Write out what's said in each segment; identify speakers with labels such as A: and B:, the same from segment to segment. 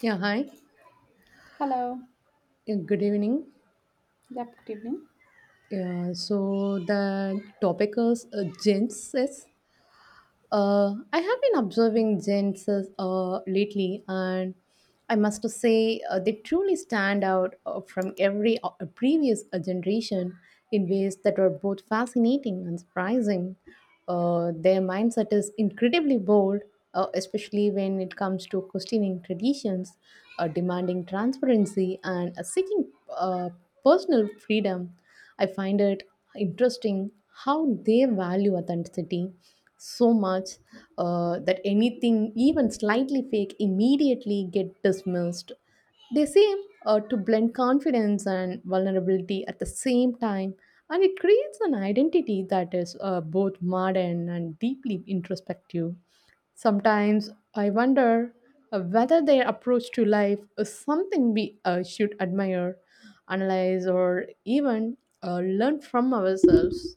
A: Yeah, hi.
B: Hello.
A: Yeah, good evening.
B: Yep, good evening.
A: Yeah, so the topic is gents. I have been observing gents lately, and I must say they truly stand out from every previous generation in ways that are both fascinating and surprising. Their mindset is incredibly bold, especially when it comes to questioning traditions, demanding transparency, and seeking uh, personal freedom. I find it interesting how they value authenticity so much that anything, even slightly fake, immediately get dismissed. They seem to blend confidence and vulnerability at the same time, and it creates an identity that is both modern and deeply introspective. Sometimes I wonder whether their approach to life is something we should admire, analyze, or even learn from ourselves.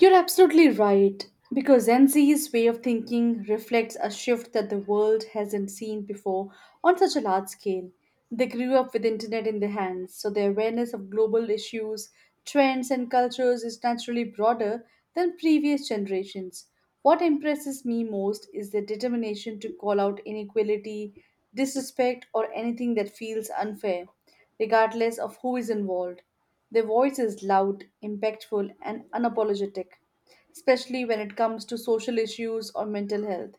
B: You're absolutely right, because Gen Z's way of thinking reflects a shift that the world hasn't seen before on such a large scale. They grew up with internet in their hands, so their awareness of global issues, trends, and cultures is naturally broader than previous generations. What impresses me most is their determination to call out inequality, disrespect, or anything that feels unfair, regardless of who is involved. Their voice is loud, impactful, and unapologetic, especially when it comes to social issues or mental health.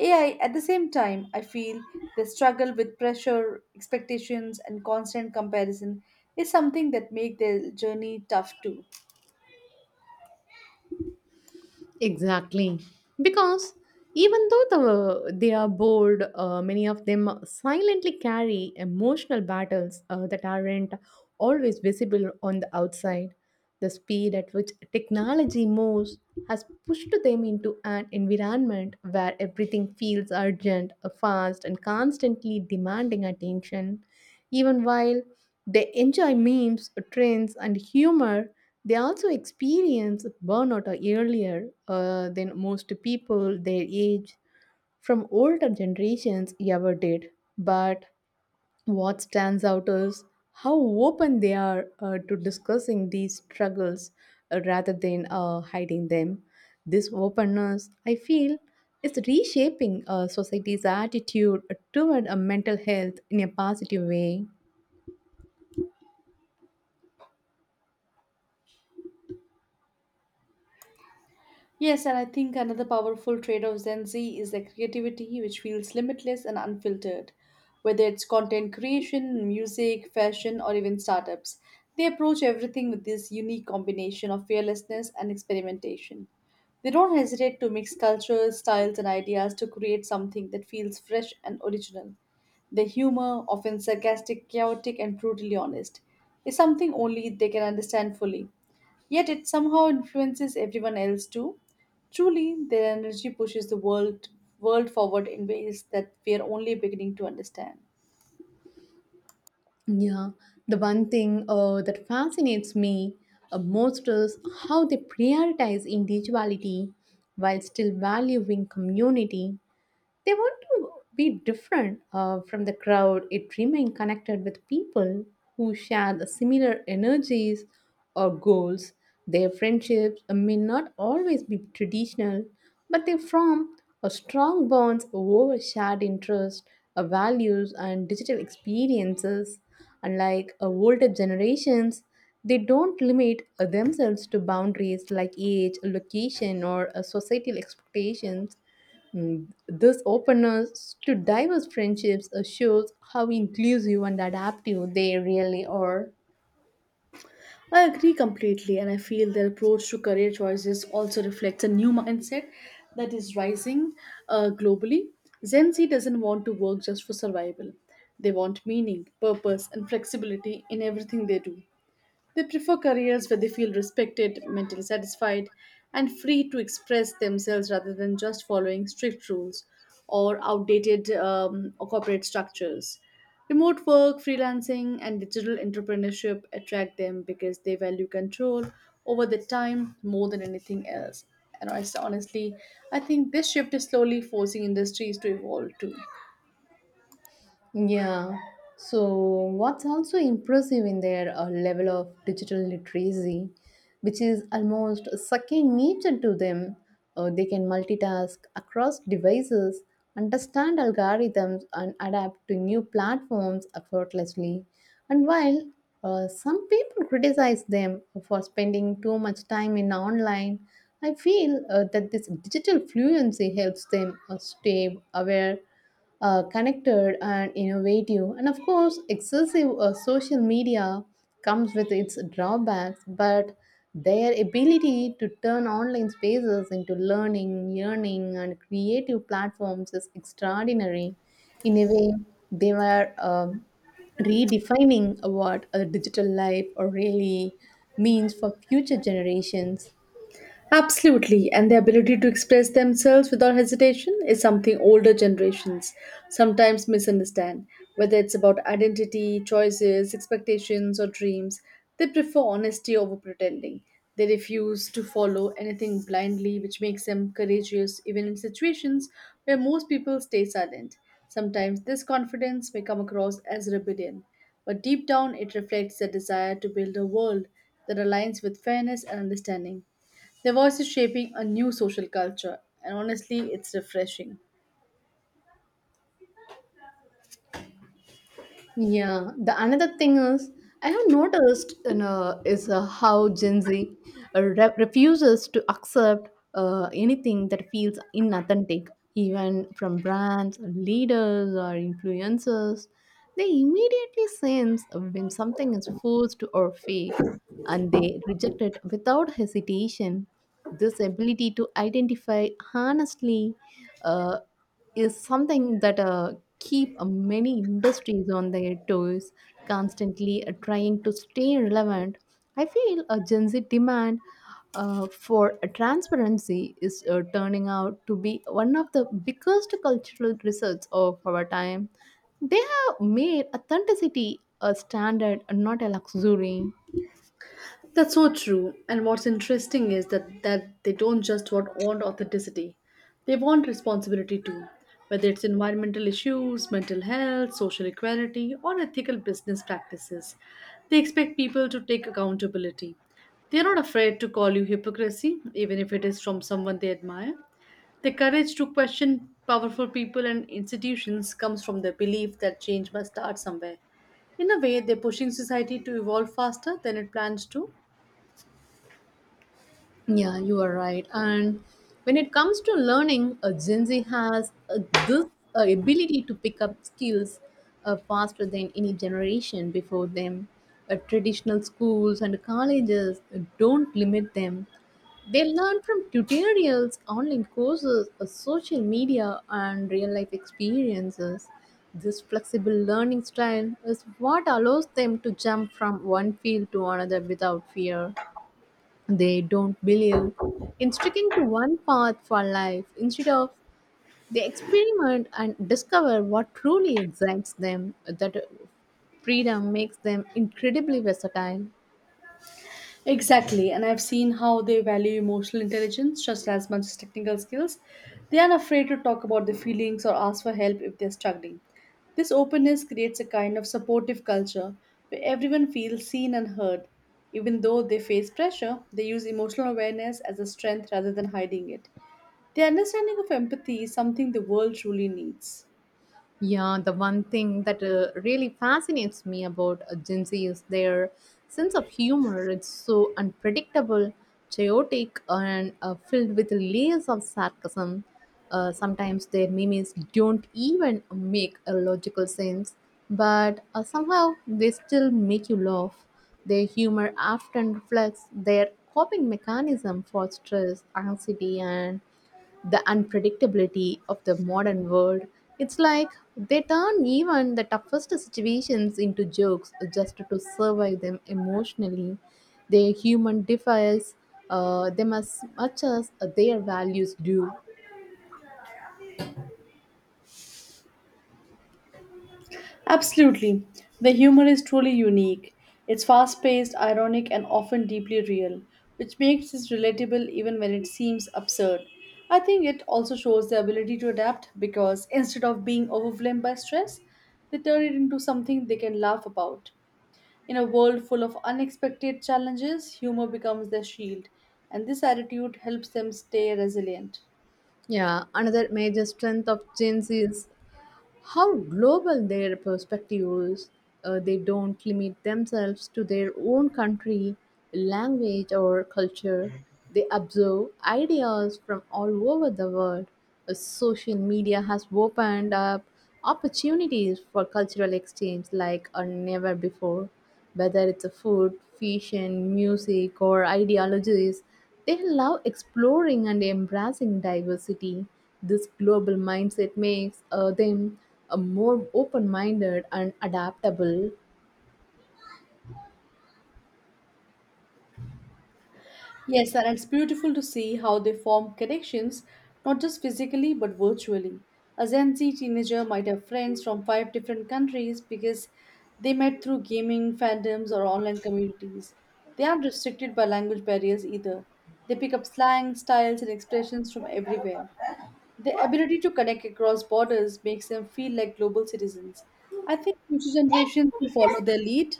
B: AI, at the same time, I feel the struggle with pressure, expectations, and constant comparison is something that make their journey tough too.
A: Exactly. Because even though they are bored, many of them silently carry emotional battles that aren't always visible on the outside. The speed at which technology moves has pushed them into an environment where everything feels urgent, fast, and constantly demanding attention. Even while they enjoy memes, trends, and humor, they also experience burnout earlier than most people their age from older generations ever did. But what stands out is how open they are to discussing these struggles rather than hiding them. This openness, I feel, is reshaping society's attitude toward mental health in a positive way.
B: Yes, and I think another powerful trait of Gen Z is their creativity, which feels limitless and unfiltered. Whether it's content creation, music, fashion, or even startups, they approach everything with this unique combination of fearlessness and experimentation. They don't hesitate to mix cultures, styles, and ideas to create something that feels fresh and original. Their humor, often sarcastic, chaotic, and brutally honest, is something only they can understand fully. Yet it somehow influences everyone else too. Truly, their energy pushes the world forward in ways that we are only beginning to understand.
A: Yeah, the one thing that fascinates me most is how they prioritize individuality while still valuing community. They want to be different from the crowd, it remain connected with people who share the similar energies or goals. Their friendships may not always be traditional, but they form a strong bonds over shared interests, values, and digital experiences. Unlike older generations, they don't limit themselves to boundaries like age, location, or societal expectations. This openness to diverse friendships shows how inclusive and adaptive they really are.
B: I agree completely, and I feel their approach to career choices also reflects a new mindset that is rising globally. Gen Z doesn't want to work just for survival, they want meaning, purpose, and flexibility in everything they do. They prefer careers where they feel respected, mentally satisfied, and free to express themselves rather than just following strict rules or outdated or corporate structures. Remote work, freelancing, and digital entrepreneurship attract them because they value control over the time more than anything else. And honestly, I think this shift is slowly forcing industries to evolve too.
A: Yeah. So, what's also impressive in their level of digital literacy, which is almost second nature to them, they can multitask across devices, understand algorithms, and adapt to new platforms effortlessly. And while some people criticize them for spending too much time in online, I feel that this digital fluency helps them stay aware, connected, and innovative. And of course, excessive social media comes with its drawbacks, but their ability to turn online spaces into learning, and creative platforms is extraordinary. In a way, they were redefining what a digital life really means for future generations.
B: Absolutely, and the ability to express themselves without hesitation is something older generations sometimes misunderstand. Whether it's about identity, choices, expectations, or dreams, they prefer honesty over pretending. They refuse to follow anything blindly, which makes them courageous even in situations where most people stay silent. Sometimes this confidence may come across as rebellion, but deep down it reflects their desire to build a world that aligns with fairness and understanding. Their voice is shaping a new social culture, and honestly, it's refreshing.
A: Yeah, the another thing is I have noticed, is how Gen Z refuses to accept anything that feels inauthentic, even from brands, leaders, or influencers. They immediately sense when something is forced or fake, and they reject it without hesitation. This ability to identify honestly Uh, is something that keep many industries on their toes, constantly trying to stay relevant. I feel a Gen Z demand for a transparency is turning out to be one of the biggest cultural results of our time. They have made authenticity a standard, not a luxury.
B: That's so true. And what's interesting is that they don't just want authenticity, they want responsibility too. Whether it's environmental issues, mental health, social equality, or ethical business practices, they expect people to take accountability. They're not afraid to call you hypocrisy, even if it is from someone they admire. The courage to question powerful people and institutions comes from the belief that change must start somewhere. In a way, they're pushing society to evolve faster than it plans to.
A: Yeah, you are right. And when it comes to learning, Gen Z has this ability to pick up skills faster than any generation before them. Traditional schools and colleges don't limit them. They learn from tutorials, online courses, social media, and real life experiences. This flexible learning style is what allows them to jump from one field to another without fear. They don't believe in sticking to one path for life. Instead of they experiment and discover what truly excites them. That freedom makes them incredibly versatile.
B: Exactly, and I've seen how they value emotional intelligence just as much as technical skills. They are afraid to talk about their feelings or ask for help if they're struggling. This openness creates a kind of supportive culture where everyone feels seen and heard. Even though they face pressure, they use emotional awareness as a strength rather than hiding it. The understanding of empathy is something the world truly needs.
A: Yeah, the one thing that really fascinates me about Gen Z is their sense of humor. It's so unpredictable, chaotic, and filled with layers of sarcasm. Sometimes their memes don't even make a logical sense, but somehow they still make you laugh. Their humor often reflects their coping mechanism for stress, anxiety, and the unpredictability of the modern world. It's like they turn even the toughest situations into jokes just to survive them emotionally. Their human defies them as much as their values do.
B: Absolutely. The humor is truly unique. It's fast paced, ironic, and often deeply real, which makes it relatable even when it seems absurd. I think it also shows the ability to adapt because instead of being overwhelmed by stress, they turn it into something they can laugh about. In a world full of unexpected challenges, humor becomes their shield, and this attitude helps them stay resilient.
A: Yeah, another major strength of Gen Z is how global their perspectives they don't limit themselves to their own country, language, or culture. They absorb ideas from all over the world. Social media has opened up opportunities for cultural exchange like, never before, whether it's a food, fashion, music, or ideologies. They love exploring and embracing diversity. This global mindset makes them more open minded and adaptable.
B: Yes, and it's beautiful to see how they form connections, not just physically but virtually. A Gen Z teenager might have friends from five different countries because they met through gaming fandoms or online communities. They aren't restricted by language barriers either. They pick up slang, styles, and expressions from everywhere. The ability to connect across borders makes them feel like global citizens. I think future generations will follow their lead.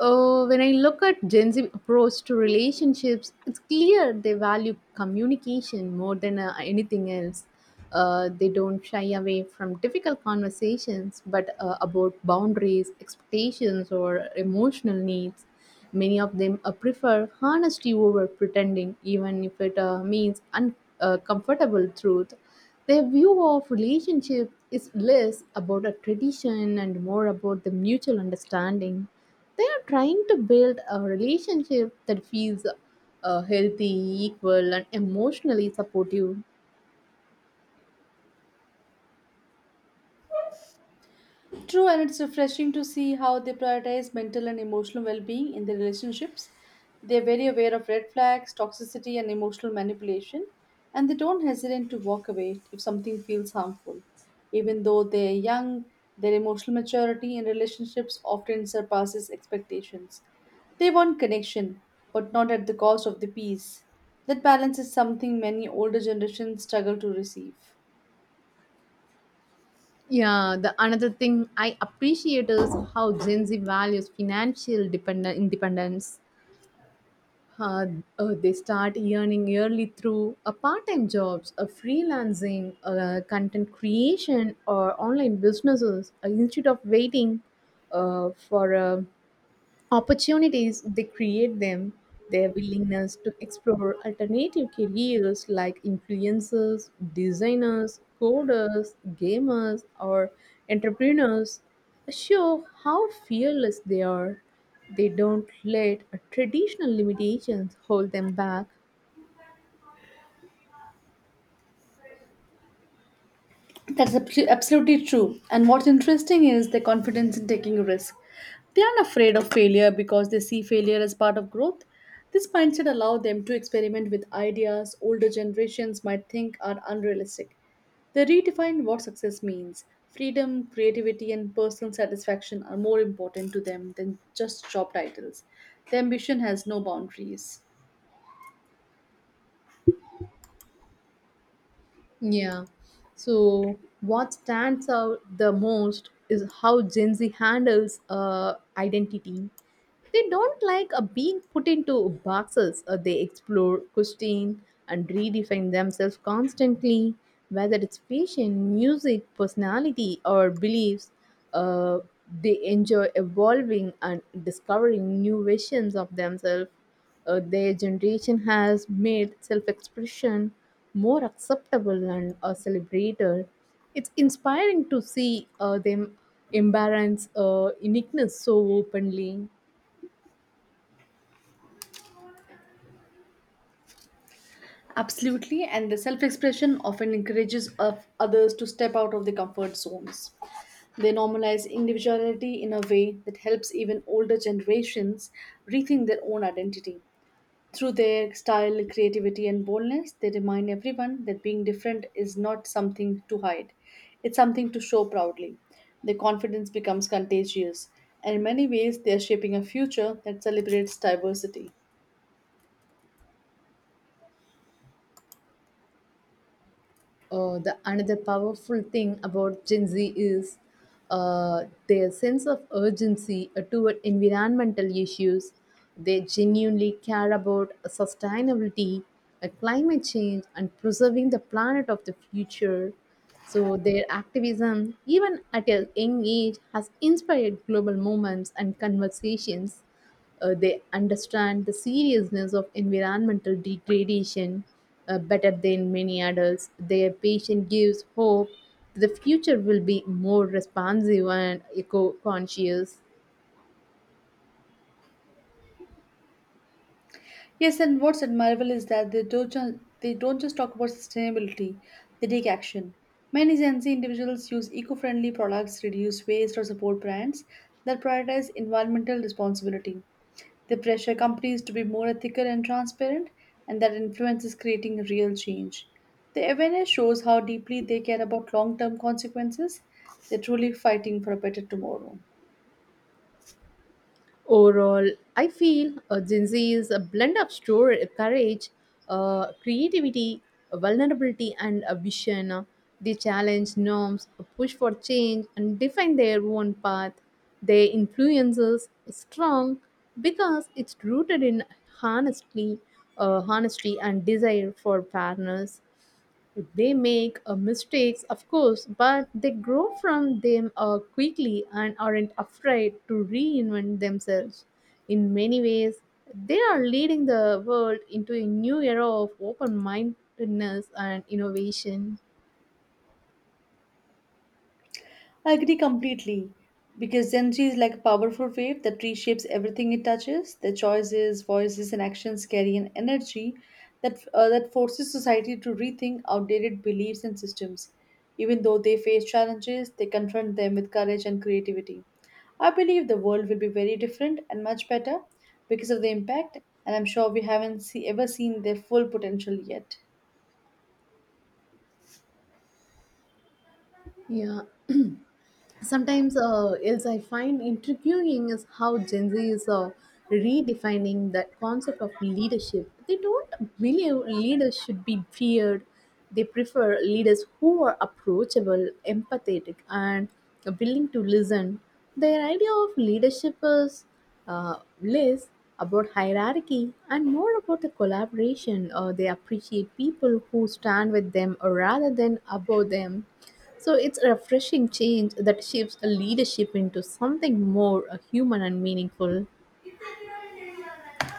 A: When I look at Gen Z approach to relationships, it's clear they value communication more than anything else. They don't shy away from difficult conversations, but about boundaries, expectations, or emotional needs. Many of them prefer honesty over pretending, even if it means uncomfortable truth. Their view of relationship is less about a tradition and more about the mutual understanding. They are trying to build a relationship that feels healthy, equal, and emotionally supportive.
B: True, and it's refreshing to see how they prioritize mental and emotional well being in their relationships. They're very aware of red flags, toxicity, and emotional manipulation, and they don't hesitate to walk away if something feels harmful. Even though they're young, their emotional maturity in relationships often surpasses expectations. They want connection, but not at the cost of the peace. That balance is something many older generations struggle to receive.
A: Yeah, the another thing I appreciate is how Gen Z values financial dependent independence. Uh, they start earning early through a part-time jobs, a freelancing, content creation, or online businesses instead of waiting for a opportunities, they create them. Their willingness to explore alternative careers like influencers, designers, coders, gamers, or entrepreneurs show how fearless they are. They don't let traditional limitations hold them back.
B: Absolutely true. And what's interesting is their confidence in taking a risk. They aren't afraid of failure because they see failure as part of growth. This mindset allows them to experiment with ideas older generations might think are unrealistic. They redefine what success means. Freedom, creativity, and personal satisfaction are more important to them than just job titles. Their ambition has no boundaries.
A: Yeah. So what stands out the most is how Gen Z handles identity. They don't like being put into boxes. They explore, question, and redefine themselves constantly, whether it's fashion, music, personality, or beliefs. Uh, they enjoy evolving and discovering new versions of themselves. Their generation has made self-expression more acceptable and celebrated. It's inspiring to see them embrace uniqueness so openly.
B: Absolutely, and the self expression often encourages of others to step out of their comfort zones. They normalize individuality in a way that helps even older generations rethink their own identity. Through their style, creativity, and boldness, they remind everyone that being different is not something to hide, it's something to show proudly. Their confidence becomes contagious, and in many ways, they are shaping a future that celebrates diversity.
A: The another powerful thing about Gen Z is their sense of urgency toward environmental issues. They genuinely care about sustainability, climate change, and preserving the planet of the future. So their activism, even at a young age, has inspired global movements and conversations. They understand the seriousness of environmental degradation better than many adults. Their patience gives hope that the future will be more responsive and eco conscious.
B: Yes, and what's admirable is that they don't just talk about sustainability; they take action. Many Gen Z individuals use eco-friendly products, reduce waste, or support brands that prioritize environmental responsibility. They pressure companies to be more ethical and transparent, and that influence is creating real change. The awareness shows how deeply they care about long-term consequences. They're truly fighting for a better tomorrow.
A: Overall, I feel Gen Z is a blend of store, courage, creativity, vulnerability, and a vision. They challenge norms, push for change, and define their own path. Their influence is strong because it's rooted in honesty, honesty and desire for fairness. They make mistakes, of course, but they grow from them quickly and aren't afraid to reinvent themselves. In many ways, they are leading the world into a new era of open mindedness and innovation.
B: I agree completely because Gen Z is like a powerful wave that reshapes everything it touches. Their choices, voices, and actions carry an energy that that forces society to rethink outdated beliefs and systems. Even though they face challenges, they confront them with courage and creativity. I believe the world will be very different and much better because of the impact, and I'm sure we haven't see, ever seen their full potential yet.
A: Yeah, sometimes else I find intriguing is how Gen Z is redefining that concept of leadership. They don't believe leaders should be feared. They prefer leaders who are approachable, empathetic, and willing to listen. Their idea of leadership is less about hierarchy and more about the collaboration. They appreciate people who stand with them rather than above them. So it's a refreshing change that shifts leadership into something more human and meaningful.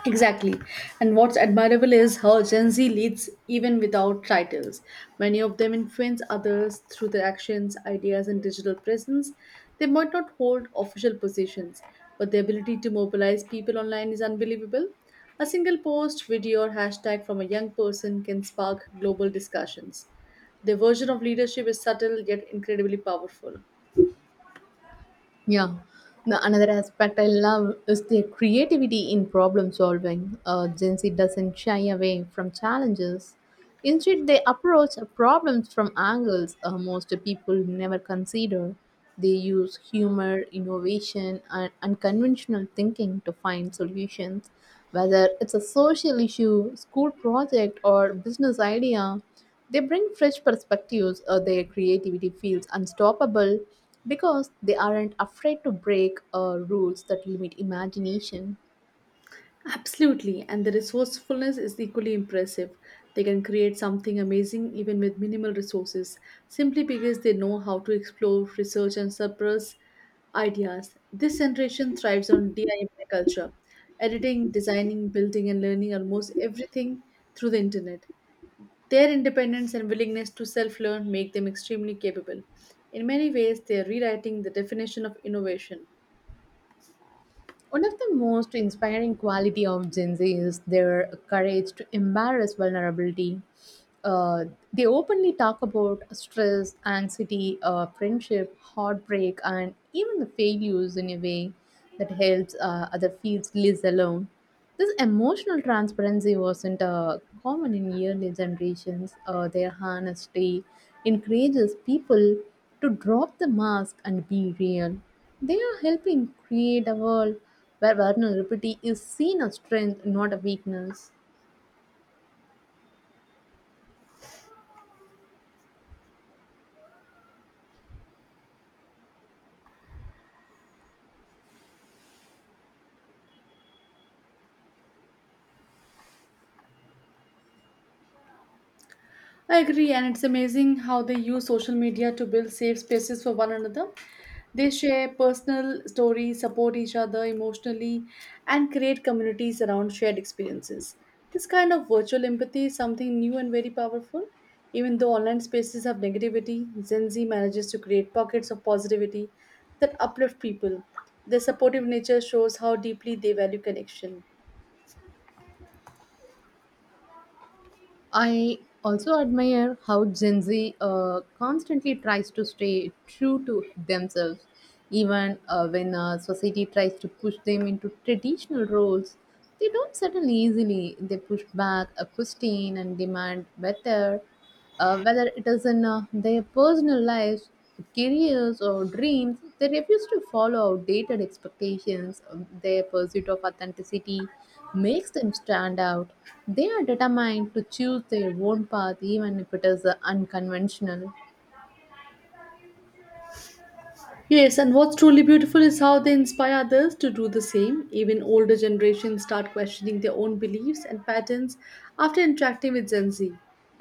B: Exactly. And what's admirable is how Gen Z leads even without titles. Many of them influence others through their actions, ideas, and digital presence. They might not hold official positions, but their ability to mobilize people online is unbelievable. A single post, video, or hashtag from a young person can spark global discussions. Their version of leadership is subtle yet incredibly powerful.
A: Yeah. The another aspect I love is their creativity in problem solving. Gen Z doesn't shy away from challenges. Instead, they approach problems from angles most people never consider. They use humor, innovation, and unconventional thinking to find solutions. Whether it's a social issue, school project, or business idea, they bring fresh perspectives. Their creativity feels unstoppable because they aren't afraid to break rules that limit imagination.
B: Absolutely, and the resourcefulness is equally impressive. They can create something amazing even with minimal resources, simply because they know how to explore, research, and suppress ideas. This generation thrives on DIY culture, editing, designing, building, and learning almost everything through the internet. Their independence and willingness to self learn make them extremely capable. In many ways, they are rewriting the definition of innovation.
A: One of the most inspiring quality of Gen Z is their courage to embrace vulnerability. Uh, they openly talk about stress, anxiety, friendship, heartbreak, and even the failures in a way that helps other feels less alone. This emotional transparency wasn't common in early generations. Their honesty encourages people to drop the mask and be real. They are helping create a world where vulnerability is seen as strength, not a weakness.
B: I agree, and it's amazing how they use social media to build safe spaces for one another. They share personal stories, support each other emotionally, and create communities around shared experiences. This kind of virtual empathy is something new and very powerful. Even though online spaces have negativity, Gen Z manages to create pockets of positivity that uplift people. Their supportive nature shows how deeply they value connection.
A: I also admire how Gen Z constantly tries to stay true to themselves, even when society tries to push them into traditional roles. They don't settle easily. They push back, question, and demand better. Whether it is in their personal lives, careers, or dreams, they refuse to follow outdated expectations. Their pursuit of authenticity makes them stand out. They are determined to choose their own path, even if it is unconventional.
B: Yes, and what's truly beautiful is how they inspire others to do the same. Even older generations start questioning their own beliefs and patterns after interacting with Gen Z.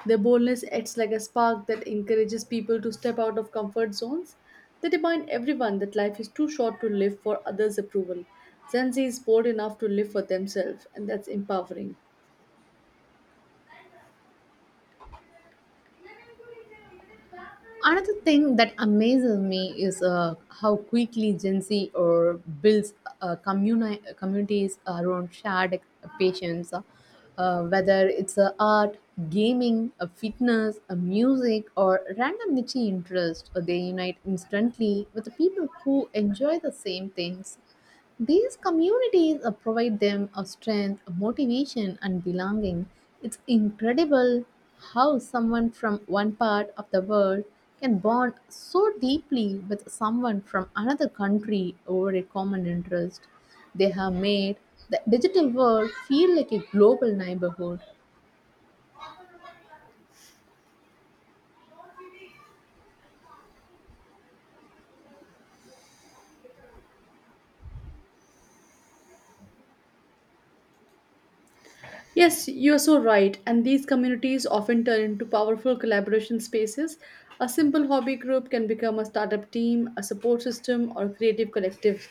B: Their boldness acts like a spark that encourages people to step out of comfort zones. They remind everyone that life is too short to live for others' approval. Gen Z is bold enough to live for themselves, and that's empowering.
A: Another thing that amazes me is how quickly Gen Z or builds communities around shared patients, whether it's art, gaming, fitness, music, or random niche interest. They unite instantly with the people who enjoy the same things. These communities provide them a strength, a motivation, and belonging. It's incredible how someone from one part of the world can bond so deeply with someone from another country over a common interest. They have made the digital world feel like a global neighborhood.
B: Yes, you're so right. And these communities often turn into powerful collaboration spaces. A simple hobby group can become a startup team, a support system, or a creative collective.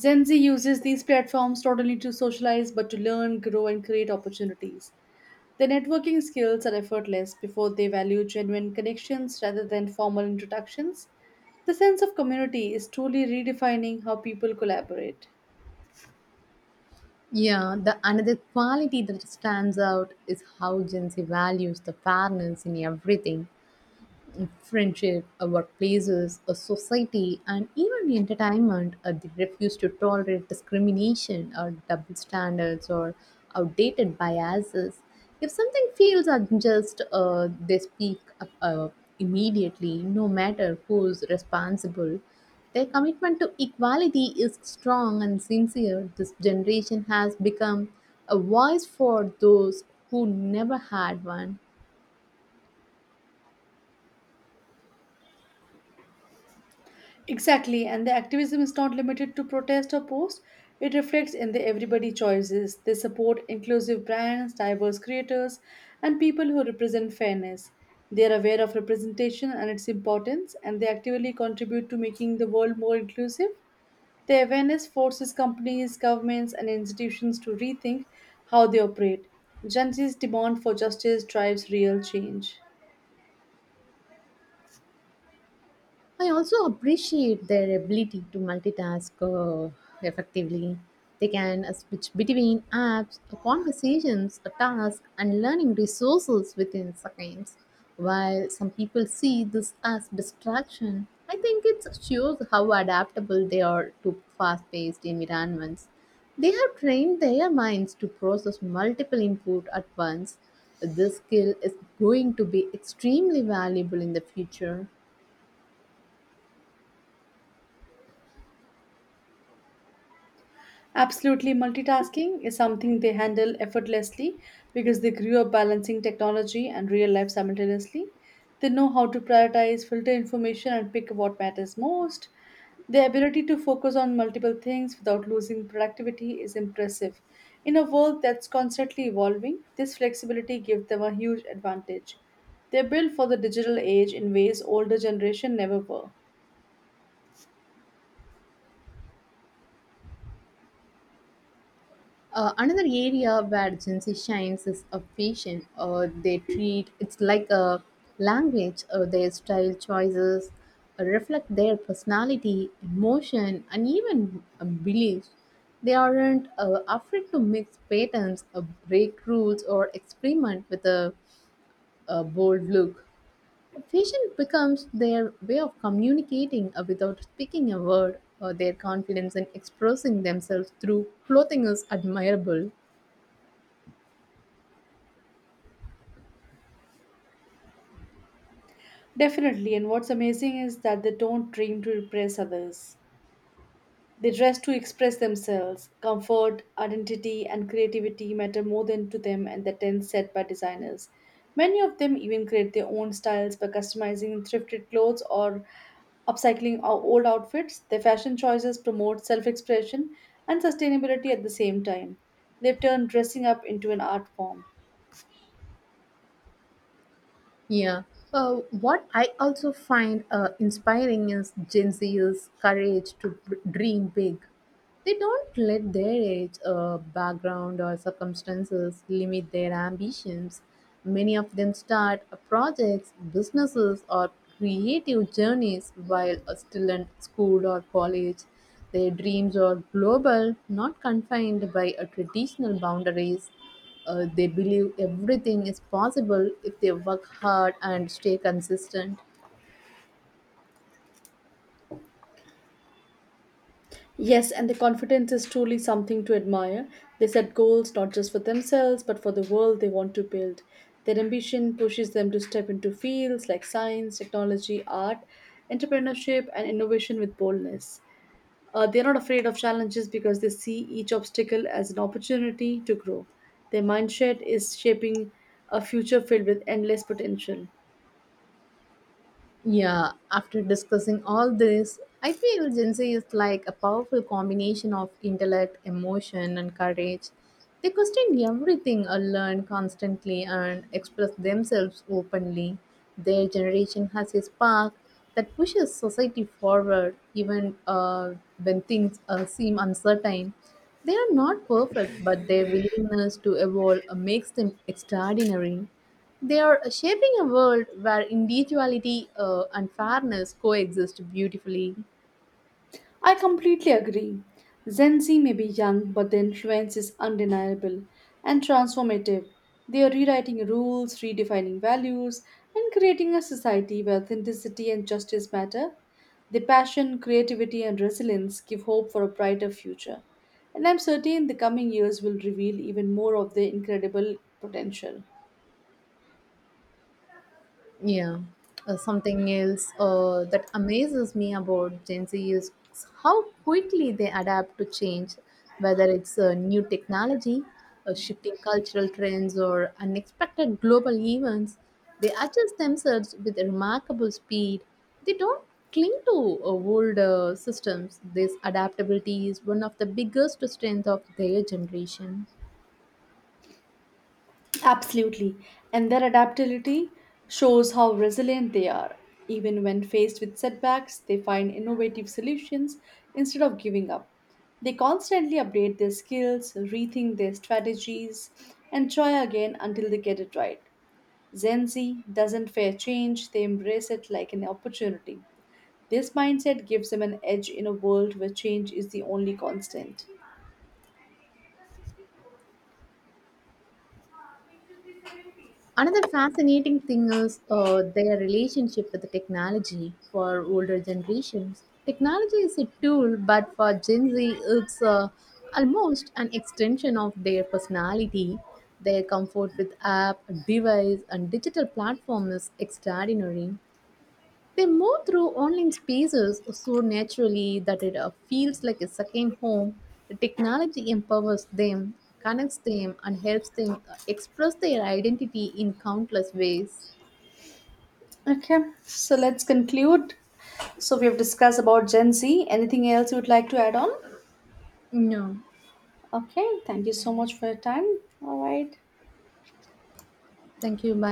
B: Gen Z uses these platforms not only to socialize but to learn, grow, and create opportunities. Their networking skills are effortless before they value genuine connections rather than formal introductions. The sense of community is truly redefining how people collaborate.
A: Yeah, the another quality that stands out is how Gen Z values the fairness in everything. Friendship, our workplaces, a society, and even entertainment, they refuse to tolerate discrimination or double standards or outdated biases. If something feels unjust, they speak up immediately, no matter who's responsible. Their commitment to equality is strong and sincere. This generation has become a voice for those who never had one.
B: Exactly, and the activism is not limited to protest or post. It reflects in the everybody choices. They support inclusive brands, diverse creators, and people who represent fairness. They are aware of representation and its importance, and they actively contribute to making the world more inclusive. The awareness forces companies, governments, and institutions to rethink how they operate. Gen Z's demand for justice drives real change.
A: I also appreciate their ability to multitask effectively. They can switch between apps, conversations, tasks, and learning resources within seconds. While some people see this as distraction, I think it shows how adaptable they are to fast paced environments. They have trained their minds to process multiple input at once. This skill is going to be extremely valuable in the future.
B: Absolutely, multitasking is something they handle effortlessly because they grew up balancing technology and real life simultaneously. They know how to prioritize, filter information, and pick what matters most. Their ability to focus on multiple things without losing productivity is impressive. In a world that's constantly evolving, this flexibility gives them a huge advantage. They're built for the digital age in ways older generation never were.
A: Another area where Gen Z shines is a fashion. They treat it's like a language. Their style choices reflect their personality, emotion, and even beliefs. They aren't afraid to mix patterns, break rules, or experiment with a bold look. Fashion becomes their way of communicating without speaking a word. Their confidence in expressing themselves through clothing is admirable.
B: Definitely, and what's amazing is that they don't dream to impress others. They dress to express themselves. Comfort, identity, and creativity matter more than to them and the trends set by designers. Many of them even create their own styles by customizing thrifted clothes or upcycling our old outfits, their fashion choices promote self expression and sustainability at the same time. They've turned dressing up into an art form.
A: Yeah. What I also find inspiring is Gen Z's courage to dream big. They don't let their age, background, or circumstances limit their ambitions. Many of them start projects, businesses, or creative journeys while still in school or college. Their dreams are global, not confined by a traditional boundaries. They believe everything is possible if they work hard and stay consistent.
B: Yes, and the confidence is truly something to admire. They set goals not just for themselves, but for the world they want to build. Their ambition pushes them to step into fields like science, technology, art, entrepreneurship, and innovation with boldness. They're not afraid of challenges because they see each obstacle as an opportunity to grow. Their mindset is shaping a future filled with endless potential.
A: Yeah, after discussing all this, I feel Gen Z is like a powerful combination of intellect, emotion, and courage. They question everything or learn constantly and express themselves openly. Their generation has a spark that pushes society forward even when things seem uncertain. They are not perfect, but their willingness to evolve makes them extraordinary. They are shaping a world where individuality and fairness coexist beautifully.
B: I completely agree. Gen Z may be young, but their influence is undeniable and transformative. They are rewriting rules, redefining values, and creating a society where authenticity and justice matter. Their passion, creativity, and resilience give hope for a brighter future. And I'm certain the coming years will reveal even more of their incredible potential.
A: Yeah. Something else that amazes me about Gen Z is how quickly they adapt to change, whether it's new technology, shifting cultural trends, or unexpected global events. They adjust themselves with remarkable speed. They don't cling to old systems. This adaptability is one of the biggest strengths of their generation.
B: Absolutely. And their adaptability shows how resilient they are. Even when faced with setbacks, they find innovative solutions instead of giving up. They constantly update their skills, rethink their strategies, and try again until they get it right. Gen Z doesn't fear change, they embrace it like an opportunity. This mindset gives them an edge in a world where change is the only constant.
A: Another fascinating thing is their relationship with the technology for older generations. Technology is a tool, but for Gen Z, it's almost an extension of their personality. Their comfort with app, device, and digital platform is extraordinary. They move through online spaces so naturally that it feels like a second home. The technology empowers them, connects them, and helps them express their identity in countless ways.
B: Okay, so let's conclude. So we have discussed about Gen Z. Anything else you would like to add on?
A: No,
B: Okay, thank you so much for your time. All right.
A: thank you. Bye.